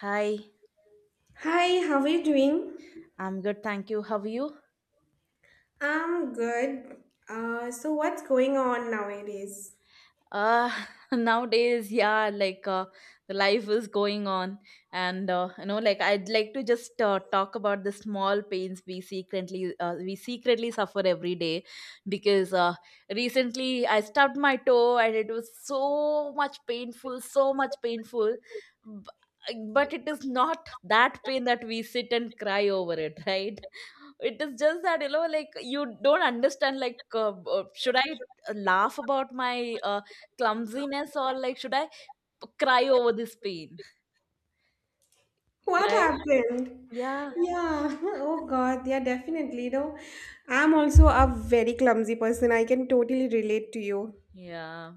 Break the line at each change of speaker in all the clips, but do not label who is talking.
Hi,
Hi, how are you doing?
I'm good, thank you. How are you?
I'm good. So what's going on nowadays?
Uh, nowadays, yeah, like the life is going on, and you know, I'd like to just talk about the small pains we secretly suffer every day, because recently I stubbed my toe and it was so much painful, so much painful. b- But it is not that pain that we sit and cry over it, right? It is just that, you know, like you don't understand, like, should I laugh about my clumsiness or like, should I cry over this pain?
What
Right?
happened?
Yeah.
Yeah. Oh God. Yeah, definitely. You know, I'm also a very clumsy person. I can totally relate to you.
Yeah.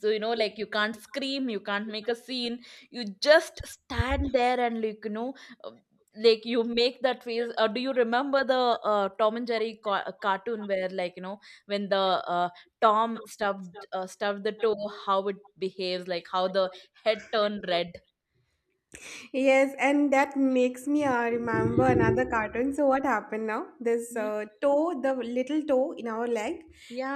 So, you know, like you can't scream, you can't make a scene, you just stand there and, like, you know, uh, like you make that face. Do you remember the Tom and Jerry cartoon where, like, you know, when the Tom stubbed the toe, how it behaves, like how the head turned red.
Yes, and that makes me remember another cartoon. So what happened now? This
Yeah.
toe, the little toe in our leg.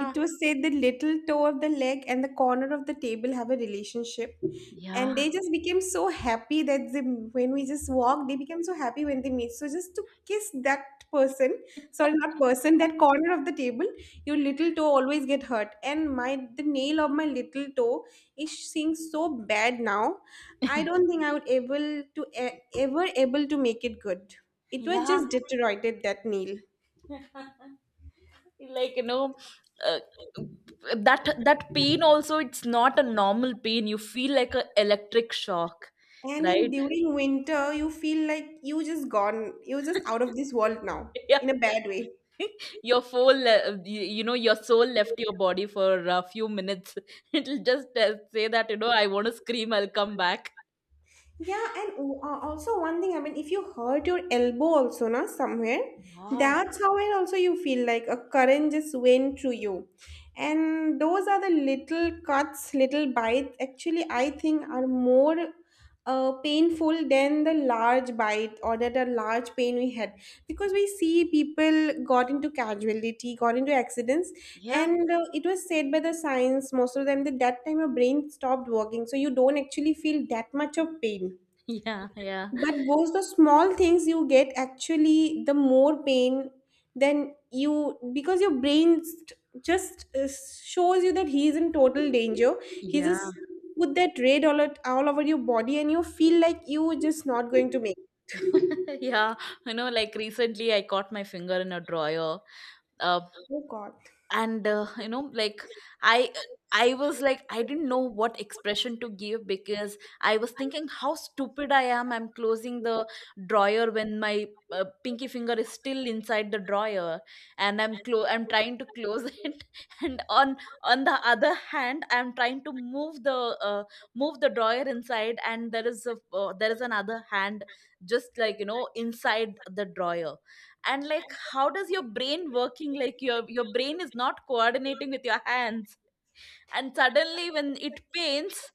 It was said the little toe of the leg and the corner of the table have a relationship,
Yeah.
and they just became so happy that they, when we just walk, they became so happy when they meet, so just to kiss that person. Sorry, not person, that corner of the table. Your little toe always get hurt, and my, the nail of my little toe is seeing so bad now. I don't think I would able to e- ever able to make it good. It was
Yeah.
just deteriorated, that nail.
Like you know, uh, that that pain also, it's not a normal pain, you feel like a electric shock,
And in
right?
during winter, you feel like you just gone, you just out of this world now,
Yeah.
in a bad way.
Your you, you know, your soul left your body for a few minutes. It'll just say that, you know, I want to scream, I'll come back.
Yeah, and also one thing, I mean, if you hurt your elbow also, na, somewhere,
Yeah.
that's how it also you feel like a current just went through you. And those are the little cuts, little bites, actually, I think are more painful than the large bite or that a large pain we had. Because we see people got into casualty, got into accidents,
Yeah.
and it was said by the science, most of them, that that time your brain stopped working. So you don't actually feel that much of pain,
Yeah,
but those the small things you get actually the more pain than you, because your brain just shows you that he's in total danger. He
yeah.
just put that red all at all over your body, and you feel like you just not going to make it.
Yeah, you know, like recently I caught my finger in a drawer, uh,
Oh God.
and you know, like i I was like, I didn't know what expression to give, because I was thinking how stupid I am, I'm closing the drawer when my pinky finger is still inside the drawer, and I'm trying to close it, and on the other hand, I'm trying to move the drawer inside, and there is a there is another hand, just, like, you know, inside the drawer. And like, how does your brain working? Like your brain is not coordinating with your hands. And suddenly when it pains,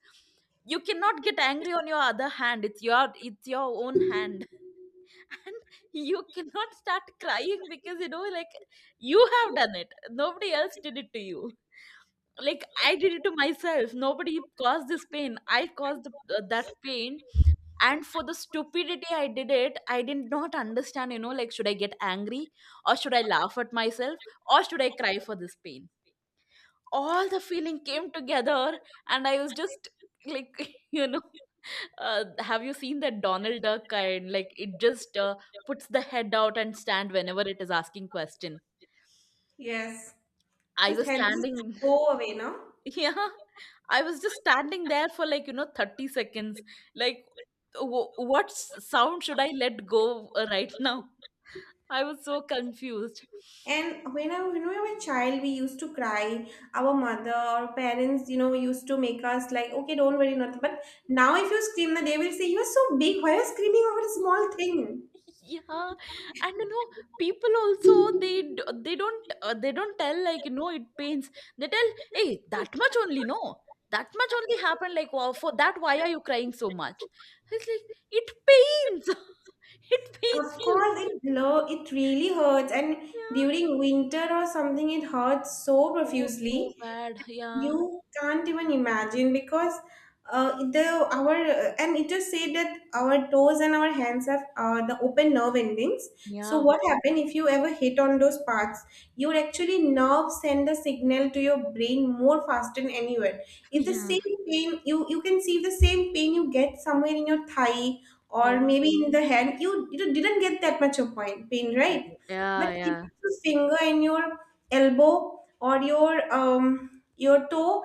you cannot get angry on your other hand, it's your own hand. And you cannot start crying because you know, like, you have done it, nobody else did it to you. Like I did it to myself, nobody caused this pain, I caused that pain. And for the stupidity I did it, I did not understand, you know, like, should I get angry, or should I laugh at myself, or should I cry for this pain? All the feeling came together, and I was just like, you know, have you seen that Donald Duck kind? Like it just puts the head out and stand whenever it is asking question.
Yes,
I
this
was
helps us
standing.
go away, no?
Yeah, I was just standing there for like, you know, 30 seconds, like, sound should I let go right now. I was so confused.
And when we were a child, we used to cry. Our mother or parents, you know, used to make us like, okay, don't worry, nothing. But now, if you scream, then they will say, you are so big. Why are you screaming over a small thing?
Yeah, and you know, people also, they don't tell, like, you know, it pains. They tell, hey, that much only, no, that much only happened. Like, wow, for that, why are you crying so much? It's like, it pains. It
Of
pains a
course,
lot.
it really hurts. And
Yeah.
during winter or something, it hurts so
Oh,
profusely.
so bad. Yeah.
You can't even imagine because the our and it just said that our toes and our hands have the open nerve endings. So
Yeah.
what happen if you ever hit on those parts? Your actually nerve send the signal to your brain more faster than anywhere. If the
Yeah.
same pain, you can see the same pain you get somewhere in your thigh or
Yeah.
maybe in the hand, you didn't get that much of pain, right? But if
Yeah.
it's finger and your elbow or your toe,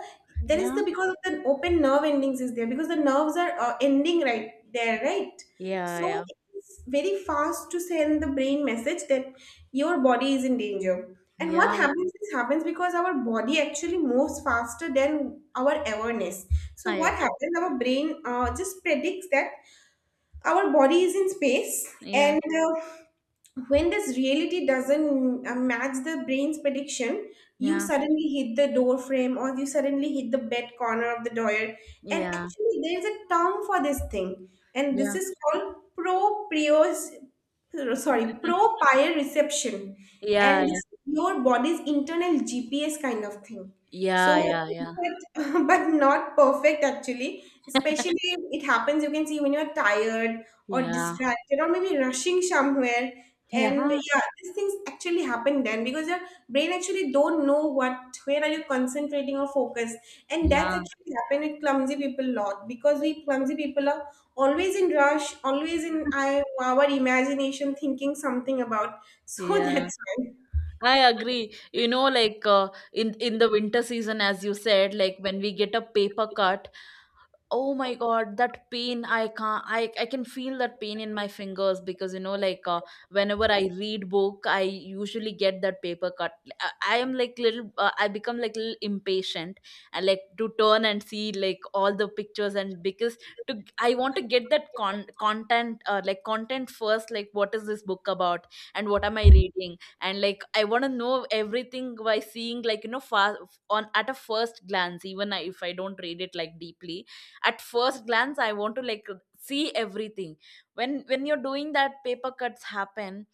there is the,
Yeah.
because of the open nerve endings is there, because the nerves are ending right there, right?
Yeah. Yeah.
So
Yeah.
it's very fast to send the brain message that your body is in danger. And what
Yeah.
happens is happens because our body actually moves faster than our awareness. So
I
what
agree.
happens? Our brain just predicts that our body is in space,
Yeah.
and when this reality doesn't match the brain's prediction, you
Yeah.
suddenly hit the door frame or you suddenly hit the bed corner of the door. And
Yeah.
actually there is a term for this thing, and this is called proprios sorry
Yeah.
proprioception. And
Yeah.
this is your body's internal GPS kind of thing. So,
Yeah, yeah, yeah.
but, but not perfect actually. Especially, it happens, you can see when you're tired or
Yeah.
distracted or maybe rushing somewhere. And
Yeah.
yeah, these things actually happen then because your brain actually don't know what where are you concentrating or focus. And
Yeah.
that's actually happened with clumsy people a lot, because we clumsy people are always in rush, always in our imagination thinking something about. So
Yeah.
that's why.
I agree. You know, like in the winter season, as you said, like when we get a paper cut, oh my God, that pain! I can't. I can feel that pain in my fingers, because you know, like whenever I read book, I usually get that paper cut. I, I am like little. I become like little impatient, and like to turn and see like all the pictures, and because to I want to get that content like content first. Like what is this book about, and what am I reading? And like, I want to know everything by seeing, like, you know, fast, on at a first glance. Even if I don't read it like deeply, at first glance I want to like see everything. When you're doing that, paper cuts happen,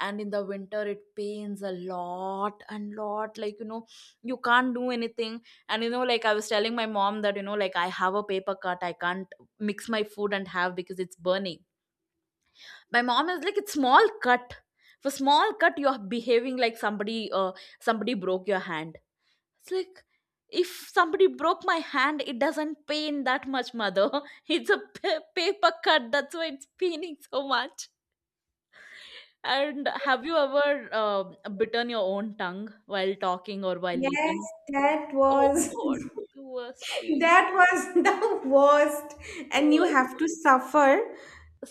and in the winter it pains a lot and lot, like, you know, you can't do anything. And you know, like, I was telling my mom that, you know, like, I have a paper cut, I can't mix my food and have, because it's burning. My mom is like, it's small cut, for small cut you're behaving like somebody broke your hand. It's like, if somebody broke my hand, it doesn't pain that much, mother. It's a paper cut, that's why it's paining so much. And have you ever bitten your own tongue while talking or while
Yes,
eating?
that
Oh
was.
God, the worst pain.
That was the worst. And you
Worst.
have to suffer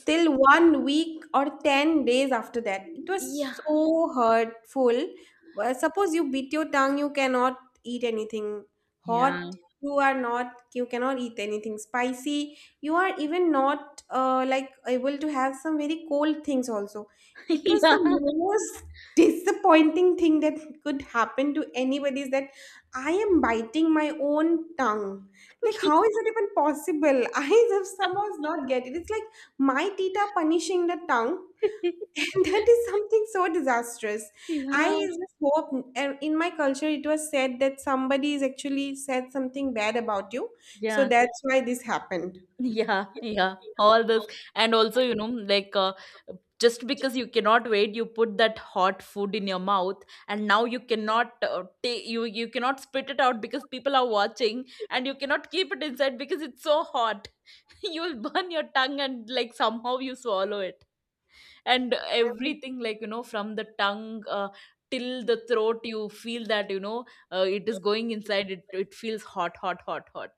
till one week or 10 days after that. It
Yeah.
was so hurtful. Well, suppose you bit your tongue, you cannot eat anything
Yeah.
hot. You are not, you cannot eat anything spicy. You are even not like able to have some very cold things also. It was the
Yeah.
most disappointing thing that could happen to anybody is that I am biting my own tongue. Like, how is it even possible? I just somehow not get it. It's like my tita punishing the tongue. And that is something so disastrous. I
Yeah.
just hope in my culture it was said that somebody is actually said something bad about you. So
Yeah.
that's why this happened.
Yeah, yeah, all this. And also, you know, just because you cannot wait, you put that hot food in your mouth, and now you cannot take you cannot spit it out because people are watching, and you cannot keep it inside because it's so hot. You'll burn your tongue and like somehow you swallow it, and
Um,
everything, like, you know, from the tongue till the throat, you feel that, you know, it is going inside, it feels hot, hot, hot, hot,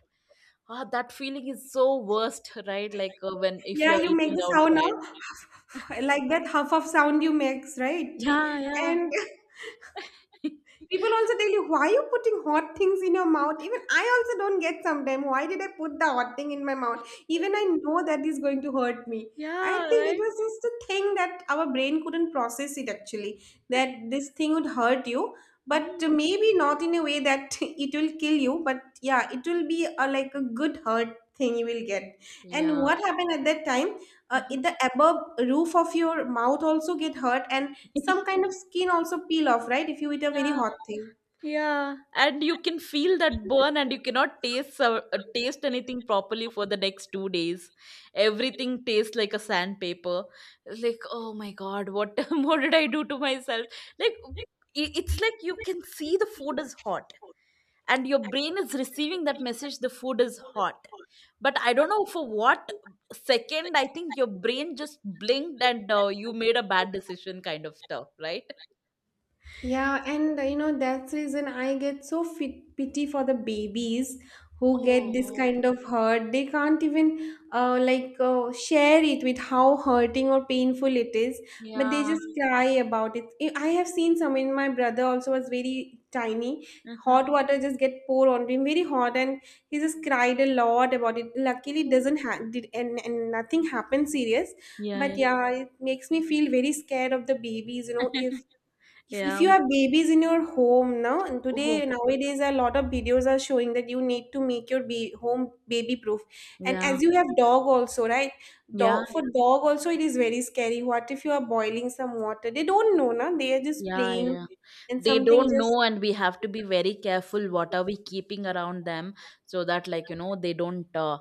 ah, that feeling is so worst, right? Like when if
Yeah,
you're
you make
eating
the sound
outside.
now, like that huff of sound you makes, right?
Yeah, yeah.
And people also tell you, why are you putting hot things in your mouth? Even I also don't get sometimes. Why did I put the hot thing in my mouth? Even I know that is going to hurt me. I
Yeah,
think it
right.
was just a thing that our brain couldn't process it actually, that this thing would hurt you, but
Mm.
maybe not in a way that it will kill you, but yeah, it will be like a good hurt thing you will get. And
Yeah.
what happened at that time? In the above roof of your mouth also get hurt, and some kind of skin also peel off, right, if you eat a very
Yeah.
hot thing.
Yeah, and you can feel that burn, and you cannot taste taste anything properly for the next 2 days. Everything tastes like a sandpaper. It's like, oh my God, what what did I do to myself? Like, it's like, you can see the food is hot, and your brain is receiving that message. The food is hot, but I don't know for what second. I think your brain just blinked, and you made a bad decision, kind of stuff, right?
Yeah, and that's reason I get so fit pity for the babies who get this
Oh,
kind of hurt. They can't even like share it with how hurting or painful it is, but they
yeah.
just cry about it. I have seen some, in my brother also was very tiny.
Mhm.
Hot water just get poured on him, very hot, and he just cried a lot about it. Luckily, it doesn't did, and nothing happened serious,
Yeah, yeah.
but yeah, it makes me feel very scared of the babies. You know, if if, if
Yeah.
you have babies in your home now, and
Oh,
today nowadays a lot of videos are showing that you need to make your home baby proof. And
yeah,
as you have dog also, right,
yeah,
dog for dog also it is very scary, what if you are boiling some water, they don't know na, they are just
yeah,
playing,
yeah.
and
They
something
don't
just.
know, and we have to be very careful what are we keeping around them, so that, like, you know, they don't,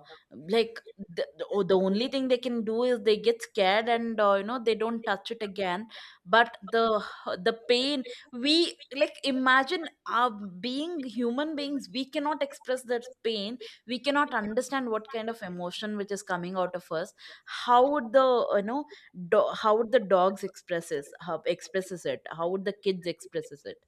like, the oh, the only thing they can do is they get scared, and, you know, they don't touch it again. But the pain, we, like, imagine being human beings, we cannot express that pain. We cannot understand what kind of emotion which is coming out of us. How would the, you know, how would the dogs expresses, how expresses it, how would the kids expresses it?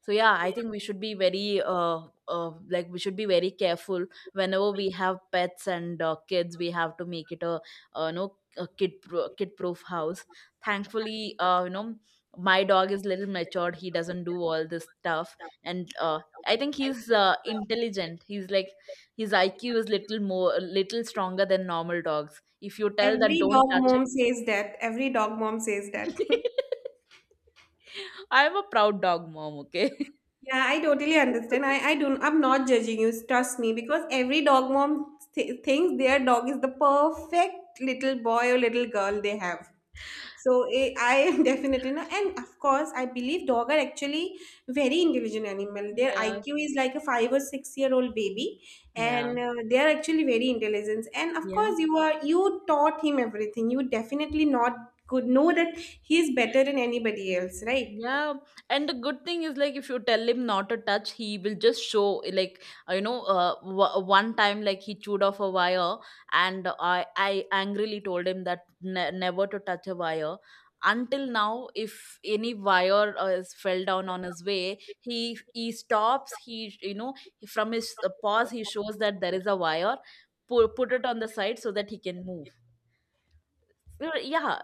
So yeah, I think we should be very we should be very careful whenever we have pets and kids, we have to make it a, you know, a kid proof house. Thankfully, you know, my dog is little matured, he doesn't do all this stuff, and I think he's intelligent, he's like, his IQ is little more, little stronger than normal dogs. If you tell that
Every
don't
dog
touch.
mom says that, every dog mom says that.
I'm a proud dog mom, okay?
Yeah, I totally understand. I'm not judging you, trust me, because every dog mom thinks their dog is the perfect little boy or little girl they have. So I am definitely not, and of course, I believe dog are actually very intelligent animal. Their
Yeah.
IQ is like a 5 or 6 year old baby,
Yeah.
and they are actually very intelligent. And of
Yeah.
course, you taught him everything. You definitely not could know that he is better than anybody else, right?
Yeah, and the good thing is like, if you tell him not to touch, he will just show, like, you know, one time like he chewed off a wire, and I angrily told him that never to touch a wire. Until now, if any wire is fell down on his way, he stops. He, you know, from his paws, he shows that there is a wire. Put it on the side so that he can move. So, yeah,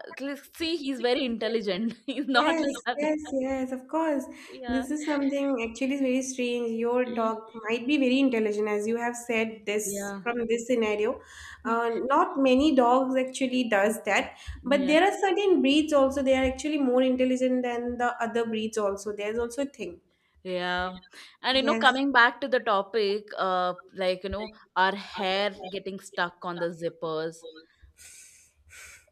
see, he's very intelligent. He's not
Yes,
like other.
yes, yes, of course.
Yeah.
This is something actually is very strange. Your dog might be very intelligent, as you have said this
Yeah.
from this scenario. Not many dogs actually does that, but
Yeah.
there are certain breeds also. They are actually more intelligent than the other breeds also. There's also a thing.
Yeah. And you know,
Yes.
coming back to the topic, like, you know, our hair getting stuck on the zippers.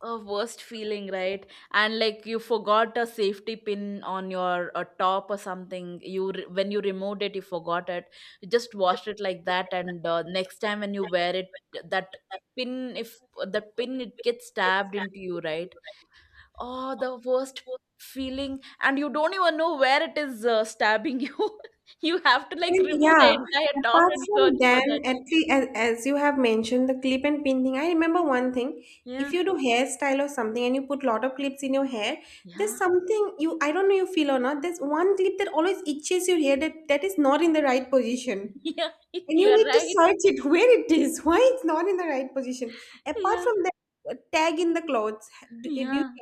A worst feeling, right? And like you forgot a safety pin on your top or something. You when you removed it, you forgot it. You just washed it like that, and next time when you wear it, that pin, if that pin, it gets stabbed into you, right? Oh, the worst feeling, and you don't even know where it is stabbing you. You have to like
And
remove the
yeah,
entire top
apart
and search
from
for
then,
that.
at least as you have mentioned, the clip and pin thing, I remember one thing. If
Yeah,
you do hairstyle or something and you put lot of clips in your hair, there's
yeah.
something you I don't know you feel or not. There's one clip that always itches your hair that is not in the right position.
Yeah.
And you
You're
need to
right.
search it where it is, why it's not in the right position. Apart
Yeah,
from that, tag in the clothes. Do, eh, do you
yeah,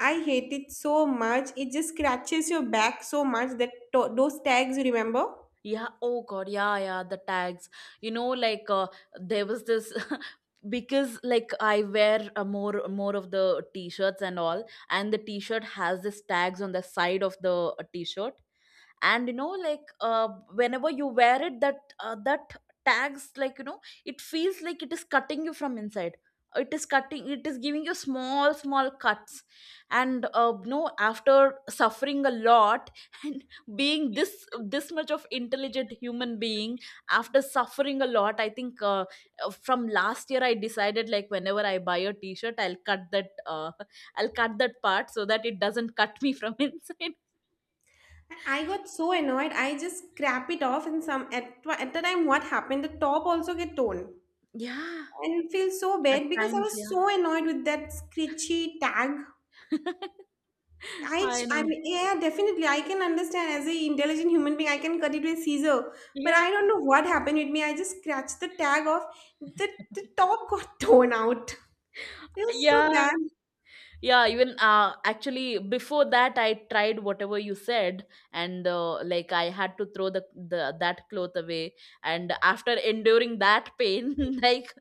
I hate it so much. It just scratches your back so much that to, those tags, you remember?
yeah. Oh God, yeah, yeah, the tags. you know like uh, there was this. Because like I wear more of the t-shirts and all, and the t-shirt has this tags on the side of the t-shirt. And whenever you wear it, that that tags, it feels like it is cutting you from inside. It is cutting, it is giving you small cuts. And no after suffering a lot and being this much of intelligent human being, after suffering a lot, I think from last year I decided, like, whenever I buy a t-shirt, I'll cut that I'll cut that part so that it doesn't cut me from inside.
I got so annoyed, I just scrap it off, and some at the time what happened, the top also get torn,
Yeah.
and feel so
At
bad because I
times,
was
yeah.
so annoyed with that screechy tag.
I
I
know.
mean, yeah, definitely. I can understand as a intelligent human being, I can cut it with scissor, but
Yeah.
I don't know what happened with me. I just scratched the tag off. The, the top got torn out. It was so
Yeah,
bad.
yeah. Even, actually, before that, I tried whatever you said, and like, I had to throw the that cloth away. And after enduring that pain, like,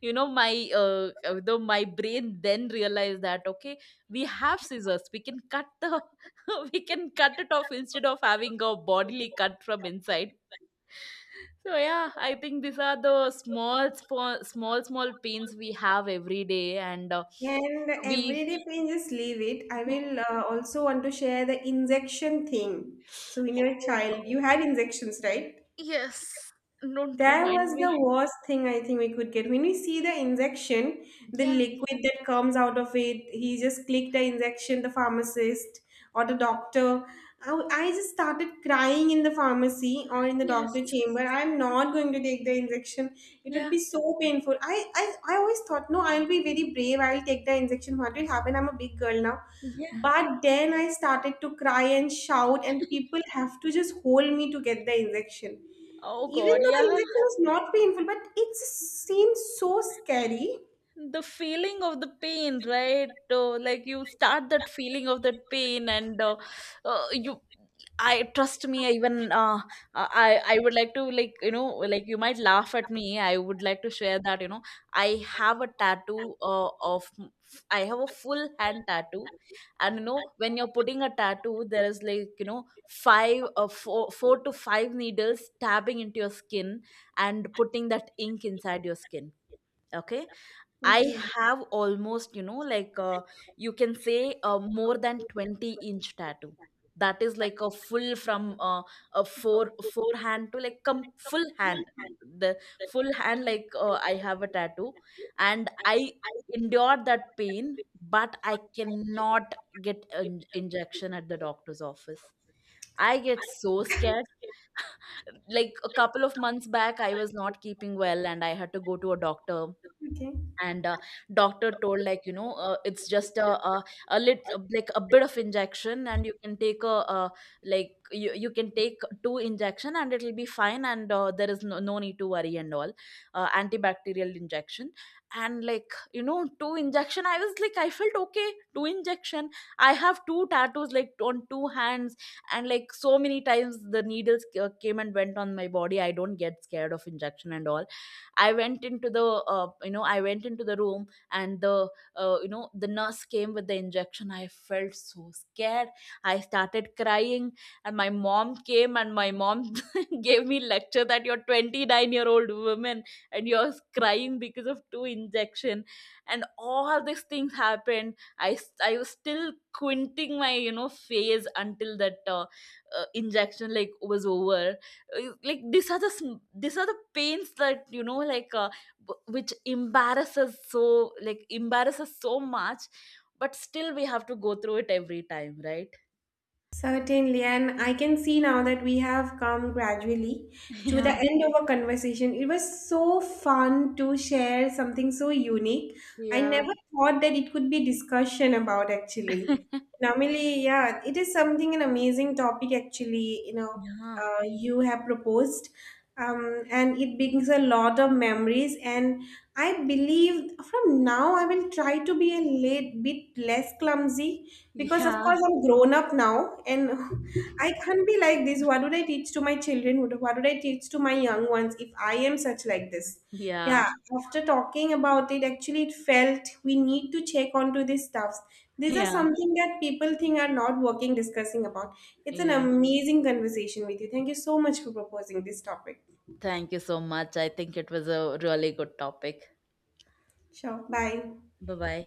you know, my though my brain then realized that, okay, we have scissors. We can cut the we can cut it off instead of having a bodily cut from inside. So yeah, I think these are the small pains we have every day, and
And
we.
everyday pain, just leave it. I will also want to share the injection thing. So in your
oh go-
child, you had injections, right?
yes! Don't
That was
remind me.
the worst thing I think we could get. When we see the injection, the
Yeah.
liquid that comes out of it, he just clicked the injection, the pharmacist or the doctor. I just started crying in the pharmacy or in the doctor
Yes.
chamber. I'm not going to take the injection. It would
Yeah.
be so painful. I always thought, no, I'll be very brave. I'll take the injection. What will happen? I'm a big girl now.
Yeah.
But then I started to cry and shout, and people have to just hold me to get the injection,
Oh
even
God.
though the
Yeah.
injection is not painful, but it seems so scary.
The feeling of the pain, right? Like, you start that feeling of that pain, and you, I trust me. I even I would like to, like, like, you might laugh at me. I would like to share that, you know, I have a tattoo of. I have a full hand tattoo, and you know, when you're putting a tattoo, there is, like, you know, five four to five needles stabbing into your skin and putting that ink inside your skin. Okay, I
Okay.
have almost, you know, like you can say more than 20-inch tattoo. That is like a full from a four forehand to like come full hand. The full hand, like, I have a tattoo, and I endured that pain, but I cannot get an injection at the doctor's office. I get so scared. Like a couple of months back, I was not keeping well and I had to go to a doctor,
Okay.
and doctor told, like, it's just a lit like a bit of injection, and you can take like you can take two injection and it'll be fine, and there is no, no need to worry and all. Antibacterial injection. And, like, you know, two injection, I was like, I felt okay, two injection. I have two tattoos, like on two hands, and like so many times the needles came and went on my body. I don't get scared of injection and all. I went into the I went into the room, and the the nurse came with the injection. I felt so scared. I started crying, and my mom came, and my mom gave me lecture that you're 29-year-old woman, and you're crying because of two injection. And all these things happened. I was still quinting my, you know, face until that injection like was over. Like, these are these are the pains that, which embarrasses so, like, embarrasses so much, but still we have to go through it every time, right?
Certainly, and I can see now that we have come gradually to the
Yeah,
end of our conversation. It was so fun to share something so unique. I
yeah.
never thought that it could be discussion about actually. Normally, yeah, it is something an amazing topic actually,
Yeah,
you have proposed. And it brings a lot of memories, and I believe from now I will try to be a little bit less clumsy, because of
yeah,
course I'm grown up now, and I can't be like this. What would I teach to my children? What would I teach to my young ones if I am such like this?
yeah,
Yeah, after talking about it actually, it felt we need to check onto these stuffs. These are
yeah,
something that people think are not working discussing about. It's an
yeah.
amazing conversation with you. Thank you so much for proposing this topic.
Thank you so much. I think it was a really good topic.
Sure, bye.
Bye, bye.